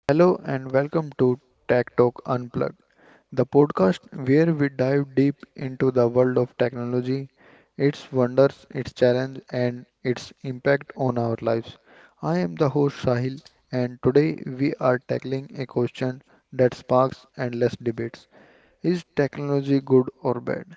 Hello and welcome to Tech Talk Unplugged, the podcast where we dive deep into the world of technology, its wonders, its challenge, and its impact on our lives. I am the host Sahil, and today we are tackling a question that sparks endless debates: Is technology good or bad?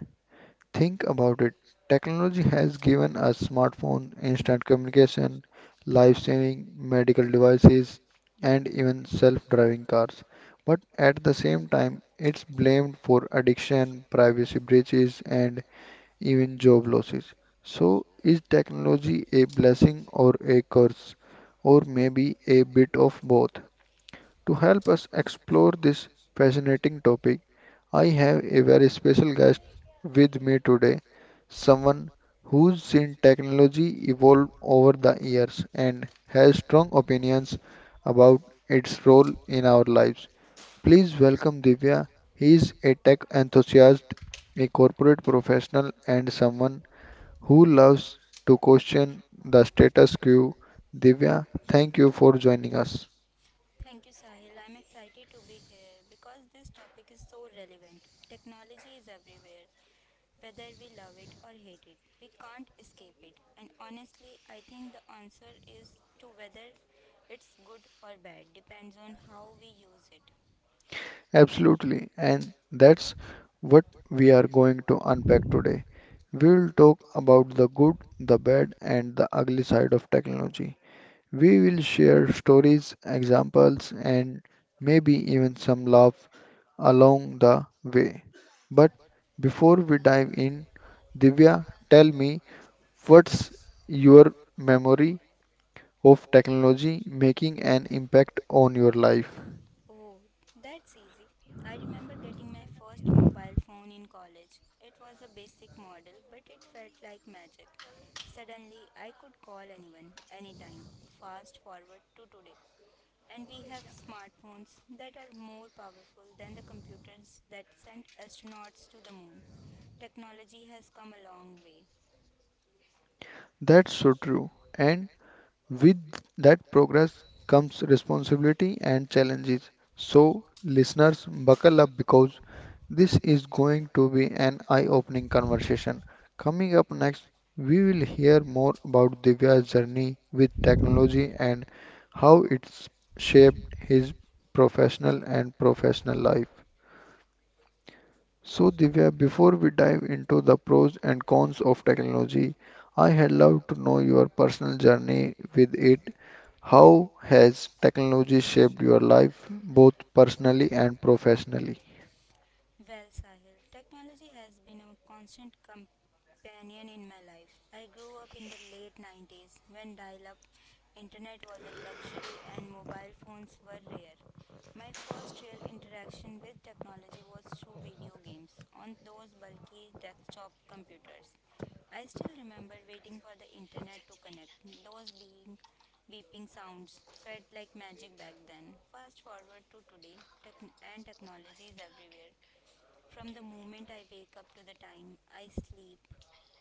Think about it. Technology has given us smartphone, instant communication, life-saving medical devices, and even self-driving cars. But at the same time, it's blamed for addiction, privacy breaches, and even job losses. So, is technology a blessing or a curse, or maybe a bit of both? To help us explore this fascinating topic, I have a very special guest with me today, someone who's seen technology evolve over the years and has strong opinions about its role in our lives. Please welcome Divya. He is a tech enthusiast, a corporate professional, and someone who loves to question the status quo. Divya, thank you for joining us. Thank you, Sahil. I'm excited to be here because this topic is so relevant. Technology is everywhere, whether we love it or hate it. We can't escape it. And honestly, I think the answer is to whether it's good or bad depends on how we use it. Absolutely, and that's what we are going to unpack today. We will talk about the good, the bad, and the ugly side of technology. We will share stories, examples, and maybe even some love along the way. But before we dive in, Divya, tell me what's your memory of technology making an impact on your life? Oh, that's easy. I remember getting my first mobile phone in college. It was a basic model, but it felt like magic. Suddenly, I could call anyone, anytime. Fast forward to today. And we have smartphones that are more powerful than the computers that sent astronauts to the moon. Technology has come a long way. That's so true. And with that progress comes responsibility and challenges. So, listeners, buckle up because this is going to be an eye opening conversation. Coming up next, we will hear more about Divya's journey with technology and how it's shaped his professional and professional life. So, Divya, before we dive into the pros and cons of technology, I had loved to know your personal journey with it. How has technology shaped your life, both personally and professionally? Well, Sahil, technology has been a constant companion in my life. I grew up in the late 90s when dial up internet was a luxury and mobile phones were rare. My first real interaction with technology was through video games on those bulky desktop computers. I still remember waiting for the internet to connect. Those being beeping sounds felt like magic back then. Fast forward to today, and technology is everywhere. From the moment I wake up to the time I sleep,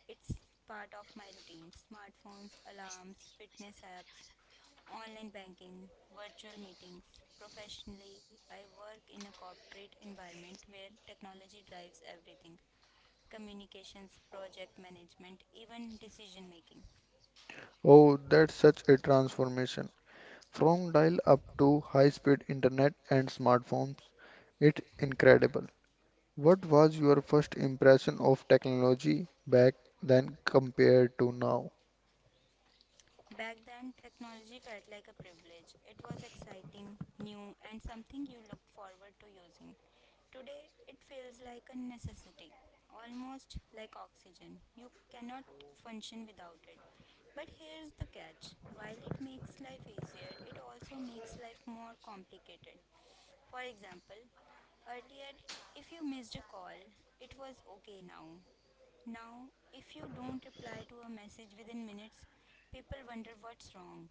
it's part of my routine. Smartphones, alarms, fitness apps, online banking, virtual meetings. Professionally, I work in a corporate environment where technology drives everything: communications, project management, even decision making. Oh, that's such a transformation. From dial-up to high-speed internet and smartphones, it's incredible. What was your first impression of technology back then compared to now? Back then, technology felt like a privilege. It was exciting, new, and something you looked forward to using. Today, it feels like a necessity, almost like oxygen. You cannot function without it. But here's the catch: while it makes life easier, it also makes life more complicated. For example, earlier, if you missed a call, it was okay now. Now, if you don't reply to a message within minutes, people wonder what's wrong.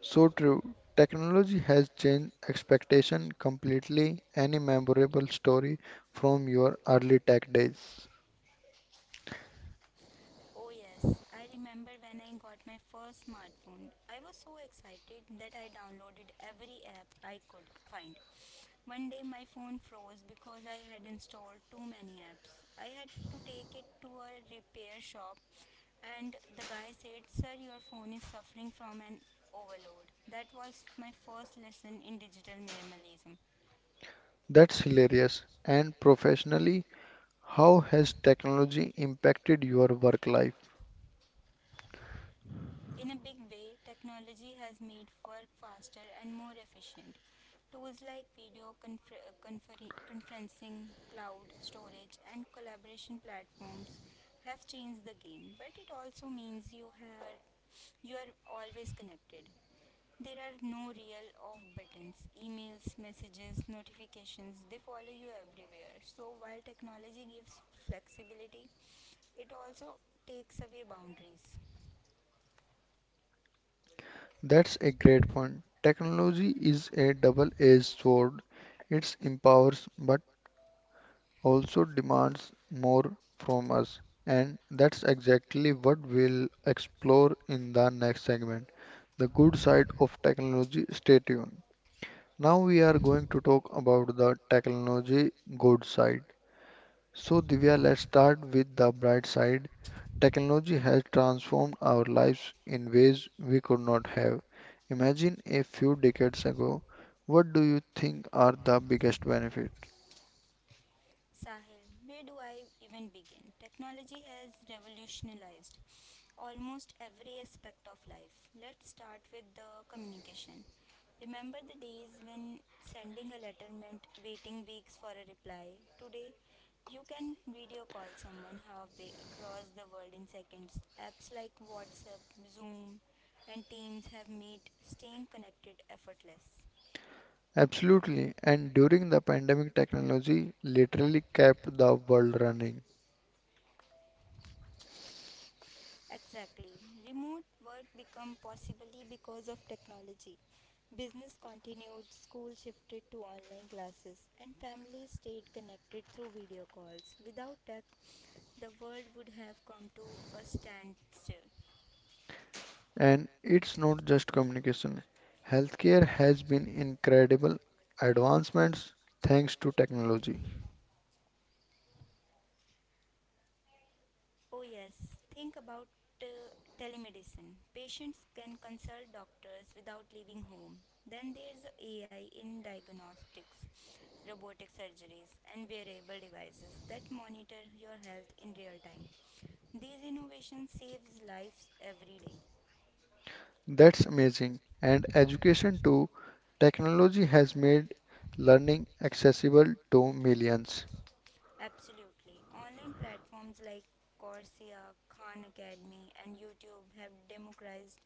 So true. Technology has changed expectation completely. Any memorable story from your early tech days? Oh, yes, I remember when I got my first smartphone. I was so excited that I downloaded every app I could find. One day my phone froze because I had installed too many apps. I had to take it to a repair shop and the guy said, "Sir, your phone is suffering from an overload." That was my first lesson in digital minimalism. That's hilarious. And professionally, how has technology impacted your work life? In a big way, technology has made work faster and more efficient. Tools like video conferencing, cloud storage, and collaboration platforms have changed the game, but it also means you are always connected. There are no real off buttons. Emails, messages, notifications, they follow you everywhere. So while technology gives flexibility, it also takes away boundaries. That's a great point. Technology is a double-edged sword. It empowers but also demands more from us. And that's exactly what we'll explore in the next segment, the good side of technology. Stay tuned. Now we are going to talk about the technology good side. So Divya, let's start with the bright side. Technology has transformed our lives in ways we could not have. Imagine a few decades ago. What do you think are the biggest benefits? Sahil, where do I even begin? Technology has revolutionized almost every aspect of life. Let's start with the communication. Remember the days when sending a letter meant waiting weeks for a reply? Today, you can video call someone halfway across the world in seconds. Apps like WhatsApp, Zoom, and Teams have made staying connected effortless. Absolutely. And during the pandemic, technology literally kept the world running. Exactly. Remote work become possibly because of technology. Business continued, school shifted to online classes, and families stayed connected through video calls. Without tech, the world would have come to a standstill. And it's not just communication. Healthcare has been incredible advancements thanks to technology. Oh yes, think about uh, telemedicine. Patients can consult doctors without leaving home. Then there's AI in diagnostics, robotic surgeries, and wearable devices that monitor your health in real time. These innovations saves lives every day. That's amazing. And education too. Technology has made learning accessible to millions. Absolutely. Online platforms like Coursera, Khan Academy, and YouTube have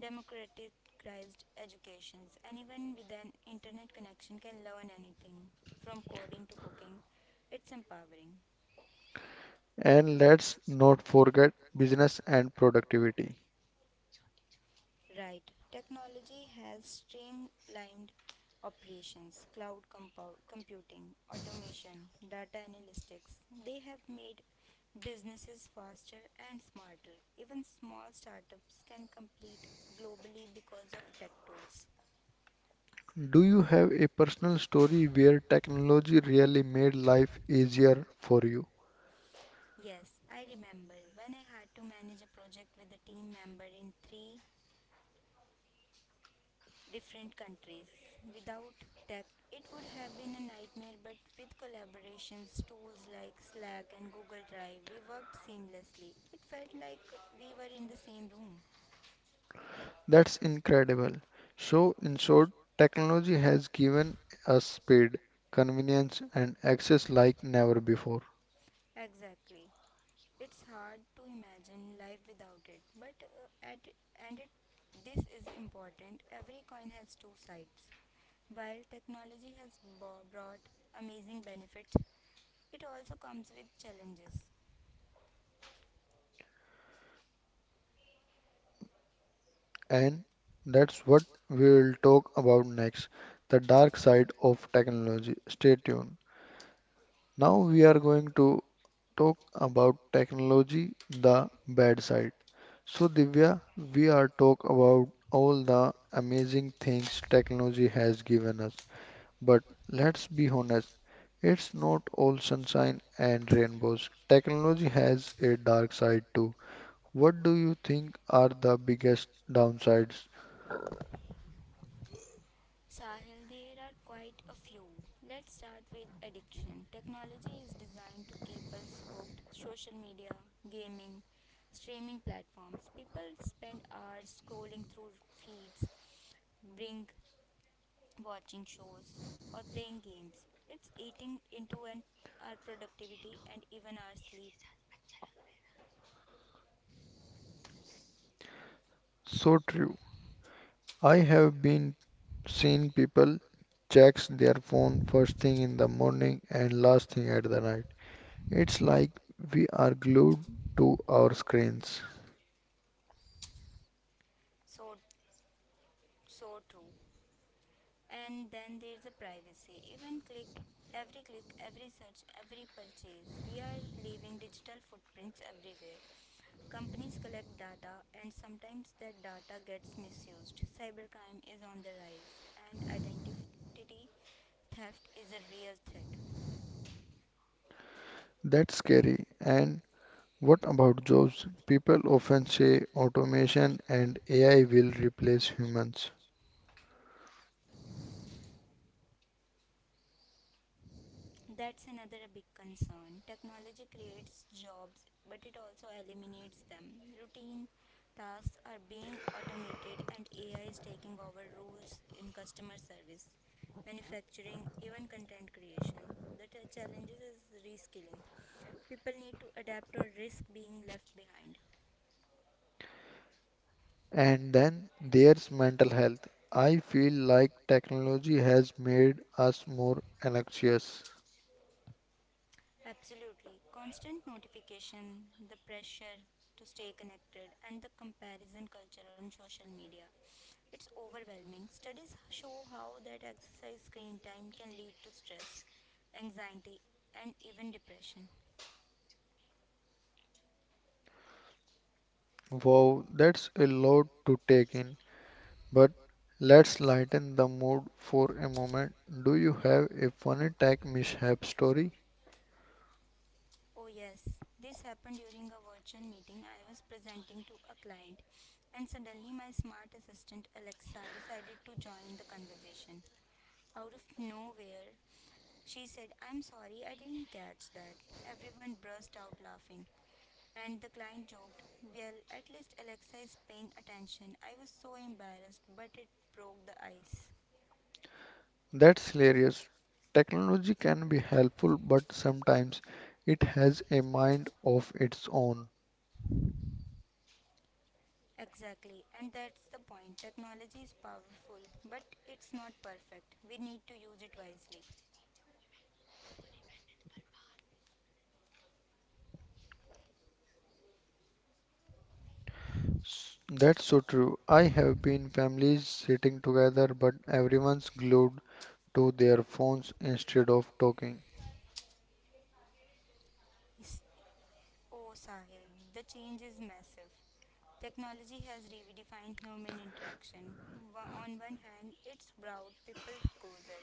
democratized educations. Anyone with an internet connection can learn anything, from coding to cooking. It's empowering. And let's not forget business and productivity. Right. Technology has streamlined operations, cloud computing, automation, data analytics. They have made businesses faster and smarter. Even small startups can compete globally because of tech tools. Do you have a personal story where technology really made life easier for you? Yes, I remember when I had to manage a project with a team member in three different countries. Without tech, it would have been a nightmare, but with collaborations, tools like Slack and Google Drive, we worked seamlessly. It felt like we were in the same room. That's incredible. So, in short, technology has given us speed, convenience, and access like never before. Exactly. It's hard to imagine life without it, but at and it this is important. Every coin has two sides. While technology has brought amazing benefits, it also comes with challenges. And that's what we will talk about next, the dark side of technology. Stay tuned. Now we are going to talk about technology, the bad side. So, Divya, we are talk about all the amazing things technology has given us. But let's be honest, it's not all sunshine and rainbows. Technology has a dark side too. What do you think are the biggest downsides? Sahil, there are quite a few. Let's start with addiction. Technology is designed to keep us hooked. Social media, gaming, streaming platforms. People spend hours scrolling through feeds, bring watching shows or playing games. It's eating into our productivity and even our sleep. So true. I have been seeing people checks their phone first thing in the morning and last thing at the night. It's like we are glued to our screens. So so true. And then there's the privacy. Even click Every click, every search, every purchase, we are leaving digital footprints everywhere. Companies collect data and sometimes that data gets misused. Cybercrime is on the rise and identity theft is a real threat. That's scary. And what about jobs? People often say automation and AI will replace humans. That's another big concern. Technology creates jobs, but it also eliminates them. Routine tasks are being automated, and AI is taking over roles in customer service, manufacturing, even content creation. The challenges is reskilling. People need to adapt or risk being left behind. And then there's mental health. I feel like technology has made us more anxious. Absolutely. Constant notification, the pressure to stay connected, and the comparison culture on social media. It's overwhelming. Studies show how that exercise screen time can lead to stress, anxiety, and even depression. Wow, that's a lot to take in. But let's lighten the mood for a moment. Do you have a funny tech mishap story? Oh, yes. This happened during a virtual meeting. I was presenting to a client, and suddenly my smart assistant Alexa decided to join the conversation. Out of nowhere, she said, "I'm sorry, I didn't catch that." Everyone burst out laughing, and the client joked, "Well, at least Alexa is paying attention." I was so embarrassed, but it broke the ice. That's hilarious. Technology can be helpful, but sometimes it has a mind of its own. Exactly, and that's the point. Technology is powerful, but it's not perfect. We need to use it wisely. That's so true. I have been families sitting together, but everyone's glued to their phones instead of talking. Yes. Oh, Sahil, the change is massive. Technology has redefined human interaction. On one hand, it's brought people closer.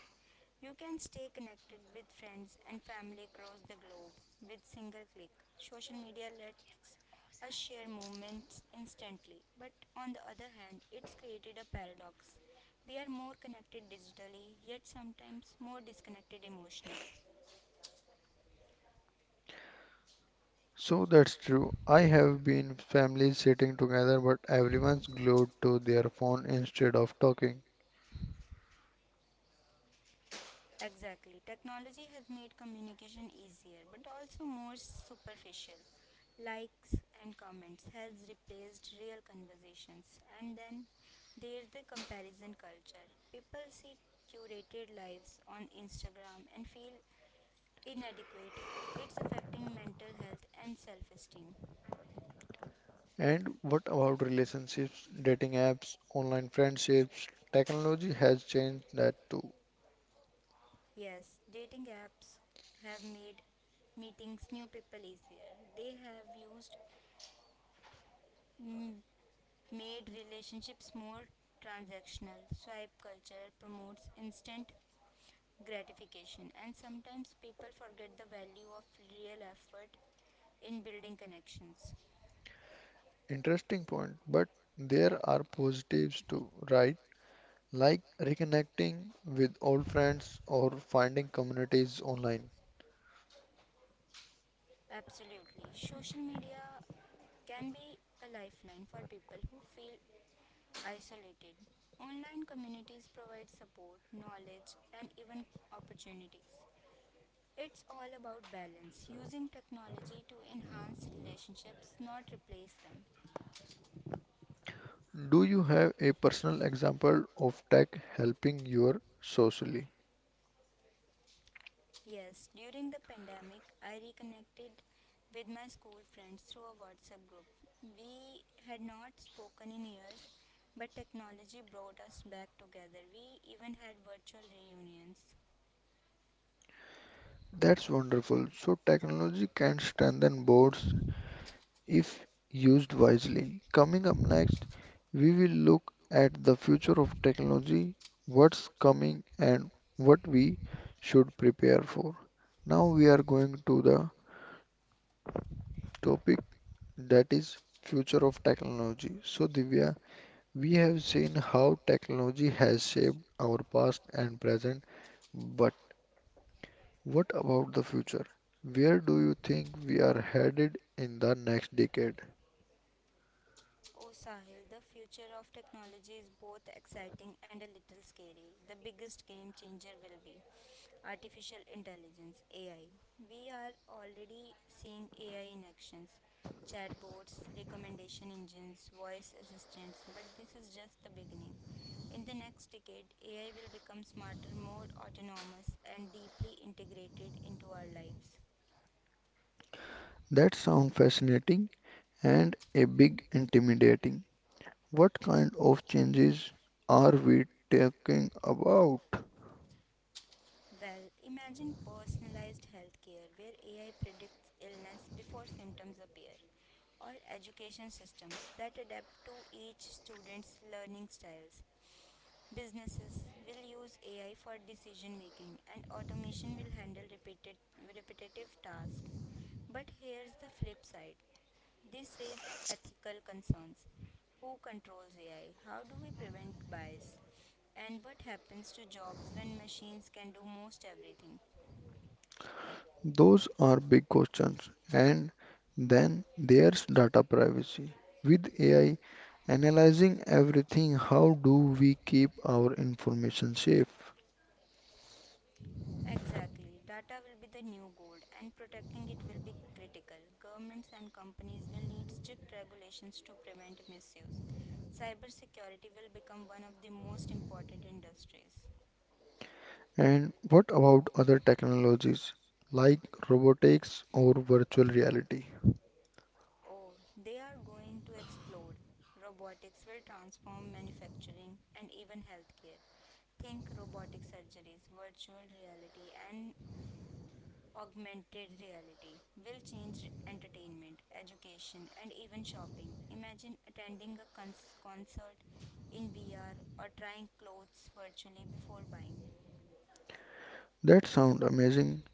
You can stay connected with friends and family across the globe with single click. Social media lets us share moments instantly, but on the other hand, it's created a paradox. We are more connected digitally, yet sometimes more disconnected emotionally. So that's true. I have been families sitting together, but everyone's glued to their phone instead of talking. Exactly. Technology has made communication easier but also more superficial. Likes and comments has replaced real conversations. And then there's the comparison culture. People see curated lives on Instagram and feel inadequate. It's affecting mental health and self esteem. And what about relationships, dating apps, online friendships? Technology has changed that too. Yes, dating apps have made meetings new people easier. They have used mm, made relationships more transactional. Swipe culture promotes instant gratification, and sometimes people forget the value of real effort in building connections. Interesting point, but there are positives too, right? Like reconnecting with old friends or finding communities online. Absolutely. Social media can be a lifeline for people who feel isolated. Online communities provide support, knowledge, and even opportunities. It's all about balance, using technology to enhance relationships, not replace them. Do you have a personal example of tech helping your socially? Yes, during the pandemic, I reconnected with my school friends through a WhatsApp group. We had not spoken in years, but technology brought us back together. We even had virtual reunions. That's wonderful. So technology can strengthen boards if used wisely. Coming up next, we will look at the future of technology, what's coming and what we should prepare for. Now we are going to the topic that is future of technology. So Divya, we have seen how technology has shaped our past and present. But what about the future? Where do you think we are headed in the next decade? Oh, Sahil, the future of technology is both exciting and a little scary. The biggest game changer will be artificial intelligence, AI. We are already seeing AI in actions: chatbots, recommendation engines, voice assistants, but this is just the beginning. In the next decade, AI will become smarter, more autonomous, and deeply integrated into our lives. That sounds fascinating and a big intimidating. What kind of changes are we talking about? Well, imagine personalized healthcare where AI predicts illness before symptoms appear, or education systems that adapt to each student's learning styles. Businesses will use AI for decision making and automation will handle repetitive tasks. But here's the flip side: this raises ethical concerns. Who controls AI? How do we prevent bias? And what happens to jobs when machines can do most everything? Those are big questions. And then there's data privacy. With AI analyzing everything, how do we keep our information safe? Exactly. Data will be the new gold and protecting it will be critical. Governments and companies will need strict regulations to prevent misuse. Cybersecurity will become one of the most important industries. And what about other technologies like robotics or virtual reality? Oh, they are going to explode. Robotics will transform manufacturing and even healthcare. Think robotic surgeries, virtual reality, and augmented reality will change entertainment, education, and even shopping. Imagine attending a concert in VR or trying clothes virtually before buying. That sound amazing,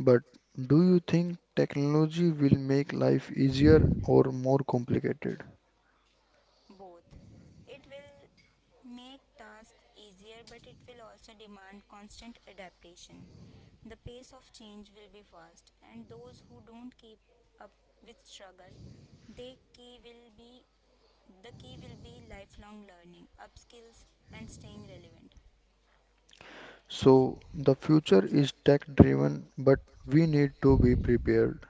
but do you think technology will make life easier or more complicated? Both. It will make tasks easier, but it will also demand constant adaptation. The pace of change will be fast, and those who don't keep up with struggle, they key will be the key will be lifelong learning, upskills, and staying relevant. So the future is tech driven, but we need to be prepared.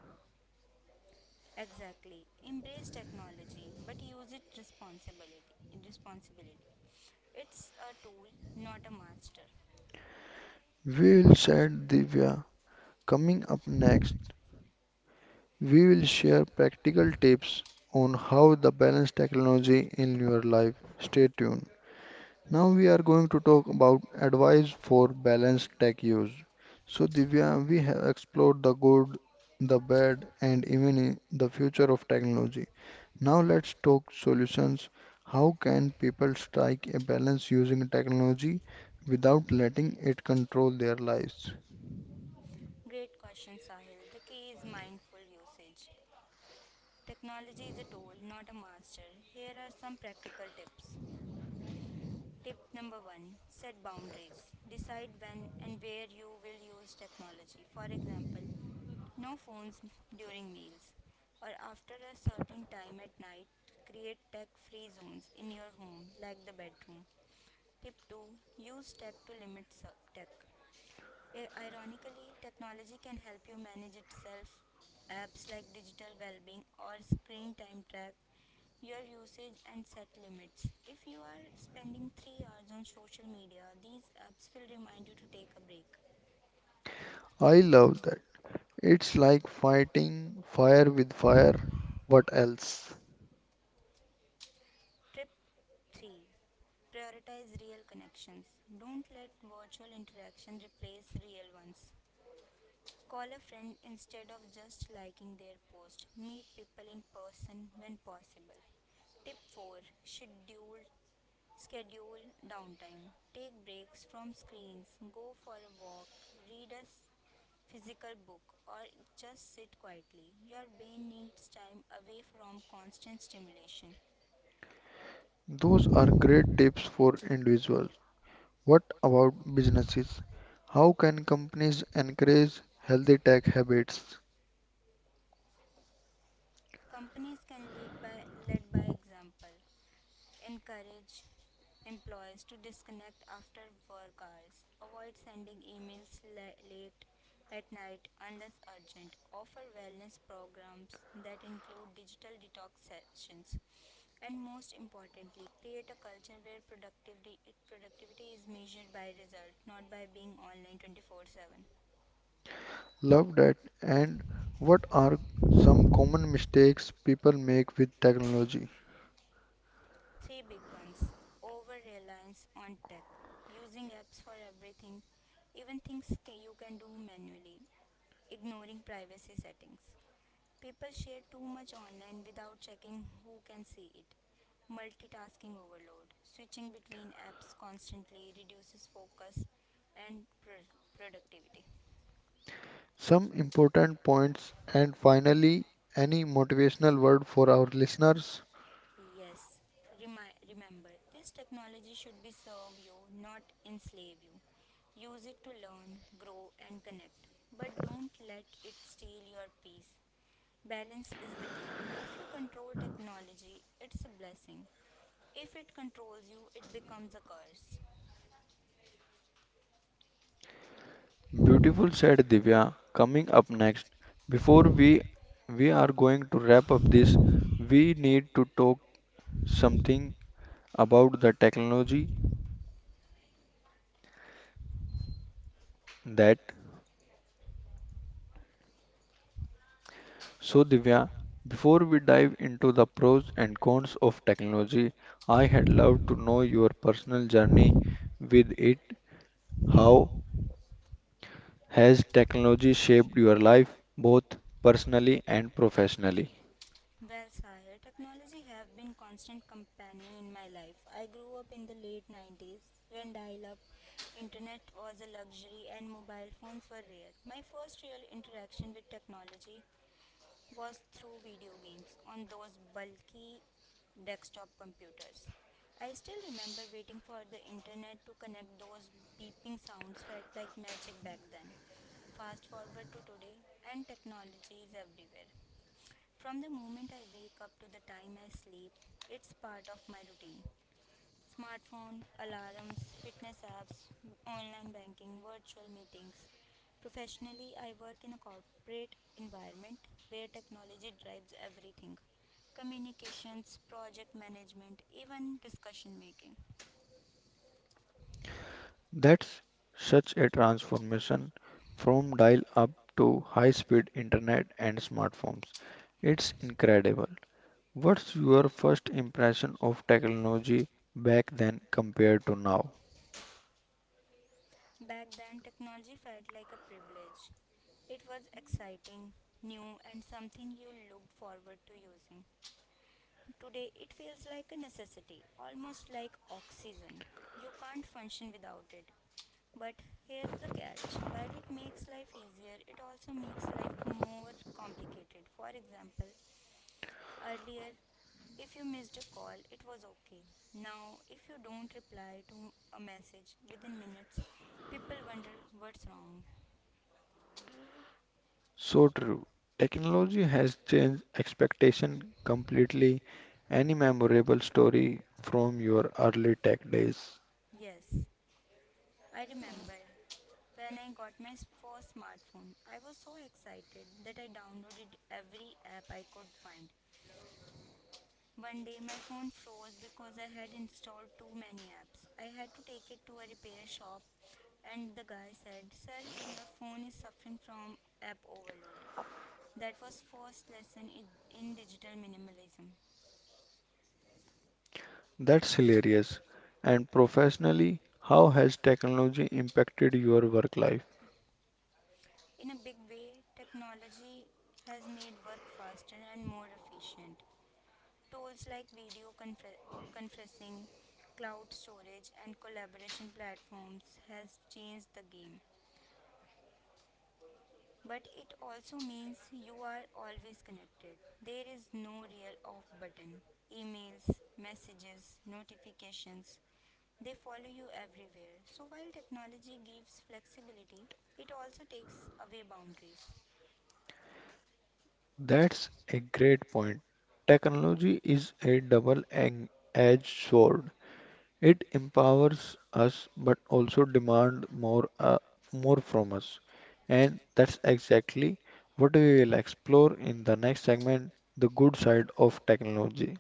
Exactly. Embrace technology, but use it responsibility. Responsibility. It's a tool, not a master. We will said Divya. Coming up next, we will share practical tips on how to balance technology in your life. Stay tuned. Now we are going to talk about advice for balanced tech use. So Divya, we have explored the good, the bad, and even the future of technology. Now let's talk solutions. How can people strike a balance using technology without letting it control their lives? Great question, Sahil. The key is mindful usage. Technology is a tool, not a master. Here are some practical tips. Tip number one: set boundaries. Decide when and where you will use technology. For example, no phones during meals or after a certain time at night. Create tech free zones in your home, like the bedroom. Tip 2: use tech to limit sur- tech. Ironically, technology can help you manage itself. Apps like digital Wellbeing or screen time track your usage and set limits. If you are spending 3 hours on social media, these apps will remind you to take a break. I love that. It's like fighting fire with fire. What else? Tip 3. Prioritize real connections. Don't let virtual interaction replace real ones. Call a friend instead of just liking their post. Meet people in person when possible. Tip 4: Schedule schedule downtime. Take breaks from screens. Go for a walk. Read a physical book or just sit quietly. Your brain needs time away from constant stimulation. Those are great tips for individuals. What about businesses? How can companies encourage healthy tech habits? Companies can lead by example. Encourage employees to disconnect after work hours. Avoid sending emails late at night unless urgent. Offer wellness programs that include digital detox sessions. And most importantly, create a culture where productivity is measured by result, not by being online 24/7. Love that. And what are some common mistakes people make with technology? Three big ones, over reliance on tech, using apps for everything, even things you can do manually, ignoring privacy settings. People share too much online without checking who can see it. Multitasking overload, switching between apps constantly reduces focus and productivity. Some important points, and finally, any motivational word for our listeners? Yes, remember, this technology should be serve you, not enslave you. Use it to learn, grow, and connect, but don't let it steal your peace. Balance is the key. If you control technology, it's a blessing. If it controls you, it becomes a curse. Beautiful said Divya. Coming up next, before we are going to wrap up this, we need to talk something about the technology that. So, Divya, before we dive into the pros and cons of technology, I had loved to know your personal journey with it. How has technology shaped your life, both personally and professionally? Well, Sahil, technology have been constant companion in my life. I grew up in the late 90s when dial-up internet was a luxury and mobile phones were rare. My first real interaction with technology was through video games on those bulky desktop computers. I still remember waiting for the internet to connect those beeping sounds felt like magic back then. Fast forward to today and technology is everywhere. From the moment I wake up to the time I sleep, it's part of my routine. Smartphone, alarms, fitness apps, online banking, virtual meetings. Professionally, I work in a corporate environment where technology drives everything, communications, project management, even discussion making. That's such a transformation from dial up to high speed internet and smartphones. It's incredible. What's your first impression of technology back then compared to now? Back then, technology felt like a privilege. It was exciting, new, and something you looked forward to using. Today, it feels like a necessity, almost like oxygen. You can't function without it. But here's the catch, while it makes life easier, it also makes life more complicated. For example, earlier, if you missed a call, it was okay. Now, if you don't reply to a message within minutes, people wonder what's wrong. So true. Technology has changed expectation completely. Any memorable story from your early tech days? Yes, I remember when I got my first smartphone, I was so excited that I downloaded every app I could find. One day my phone froze because I had installed too many apps. I had to take it to a repair shop and the guy said, "Sir, your phone is suffering from app overload." That was first lesson in digital minimalism. That's hilarious. And professionally, how has technology impacted your work life? In a big way, technology has made work faster and more efficient. Tools like conferencing, cloud storage, and collaboration platforms has changed the game. But it also means you are always connected. There is no real off button. Emails, messages, notifications, they follow you everywhere. So while technology gives flexibility, it also takes away boundaries. That's a great point. Technology is a double-edged sword. It empowers us but also demand more from us. And that's exactly what we will explore in the next segment, the good side of technology.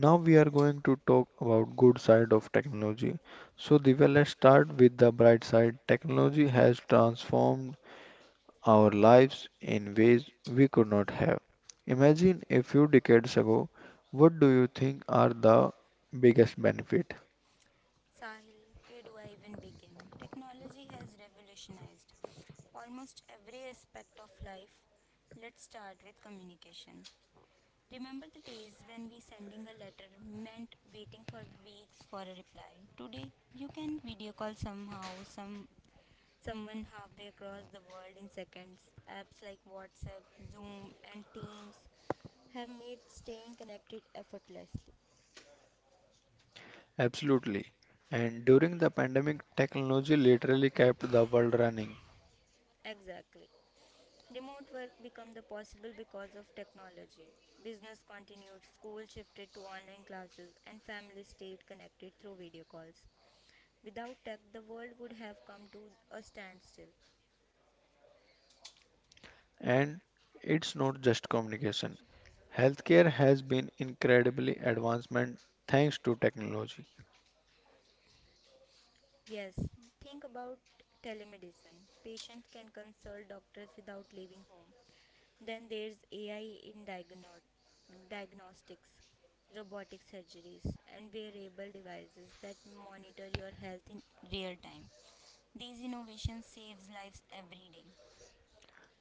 Now we are going to talk about good side of technology. So Divya, let's start with the bright side. Technology has transformed our lives in ways we could not have. Imagine a few decades ago, what do you think are the biggest benefit? Sahil, where do I even begin? Technology has revolutionized almost every aspect of life. Let's start with communication. Remember the days when we sending a letter meant waiting for weeks for a reply. Today, you can video call somehow some someone halfway across the world in seconds. Apps like WhatsApp, Zoom, and Teams have made staying connected effortlessly. Absolutely. And during the pandemic, technology literally kept the world running. Exactly. Remote work become the possible because of technology. Business continued, school shifted to online classes, and families stayed connected through video calls. Without tech, the world would have come to a standstill. And it's not just communication. Healthcare has been incredibly advancement thanks to technology. Yes, think about telemedicine. Patients can consult doctors without leaving home. Then there's AI in diagnostics, robotic surgeries, and wearable devices that monitor your health in real time. These innovations saves lives every day.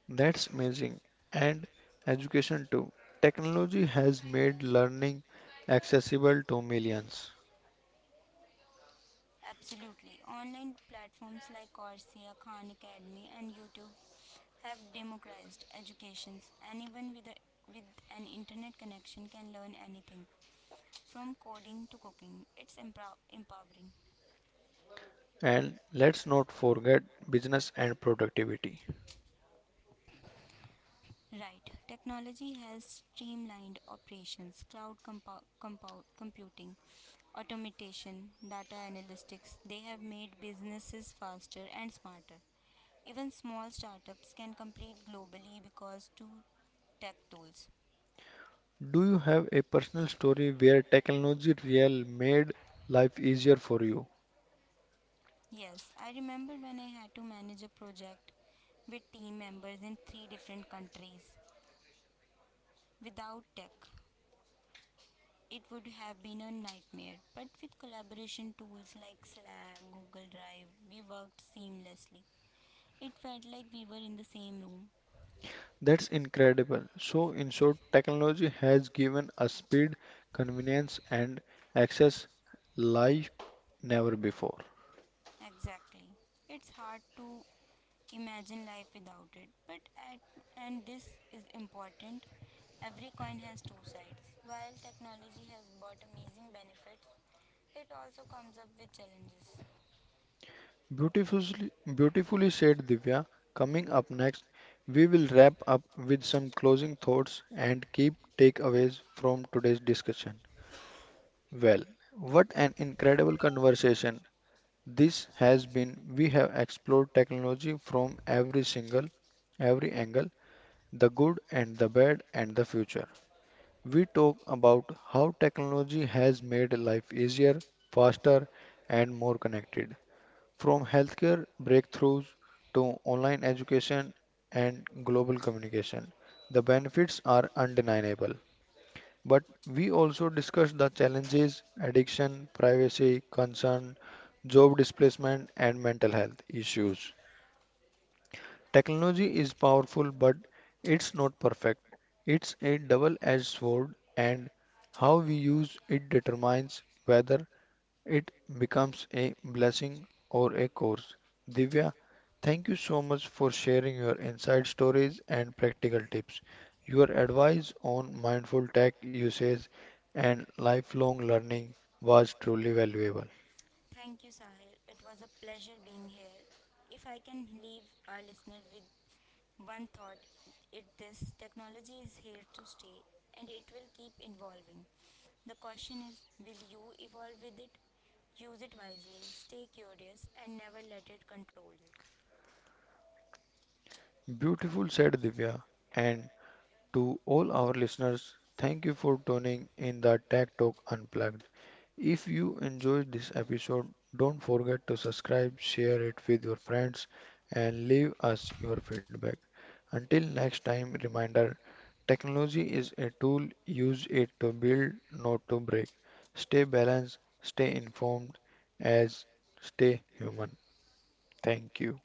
That's amazing. And education too. Technology has made learning accessible to millions. Absolutely. Online platforms like Coursera, Khan Academy, and YouTube have democratized education. Anyone with, a, with an internet connection can learn anything, from coding to cooking. It's empowering. And let's not forget business and productivity. Right. Technology has streamlined operations, cloud computing, automation, data analytics. They have made businesses faster and smarter. Even small startups can compete globally because to tech tools. Do you have a personal story where technology real made life easier for you? Yes, I remember when I had to manage a project with team members in 3 different countries without tech. It would have been a nightmare. But with collaboration tools like Slack, Google Drive, we worked seamlessly. It felt like we were in the same room. That's incredible. So, in short, technology has given us speed, convenience, and access like never before. Exactly. It's hard to imagine life without it. But at, and this is important, every coin has two sides. While technology has brought amazing benefits, it also comes up with challenges. Beautifully, beautifully said, Divya. Coming up next, we will wrap up with some closing thoughts and keep takeaways from today's discussion. Well, what an incredible conversation this has been. We have explored technology from every angle, the good and the bad and the future. We talk about how technology has made life easier, faster, and more connected. From healthcare breakthroughs to online education and global communication, the benefits are undeniable. But we also discuss the challenges, addiction, privacy, concern, job displacement, and mental health issues. Technology is powerful, but it's not perfect. It's a double-edged sword, and how we use it determines whether it becomes a blessing or a curse. Divya, thank you so much for sharing your inside stories and practical tips. Your advice on mindful tech usage and lifelong learning was truly valuable. Thank you, Sahil. It was a pleasure being here. If I can leave our listener with one thought, it this technology is here to stay and it will keep evolving. The question is will you evolve with it? Use it wisely, stay curious, and never let it control you. Beautiful, said Divya, and to all our listeners. Thank you for tuning in the Tech Talk Unplugged. If you enjoyed this episode, don't forget to subscribe, share it with your friends, and leave us your feedback. Until next time, reminder technology is a tool, use it to build, not to break. Stay balanced, stay informed, as stay human. Thank you.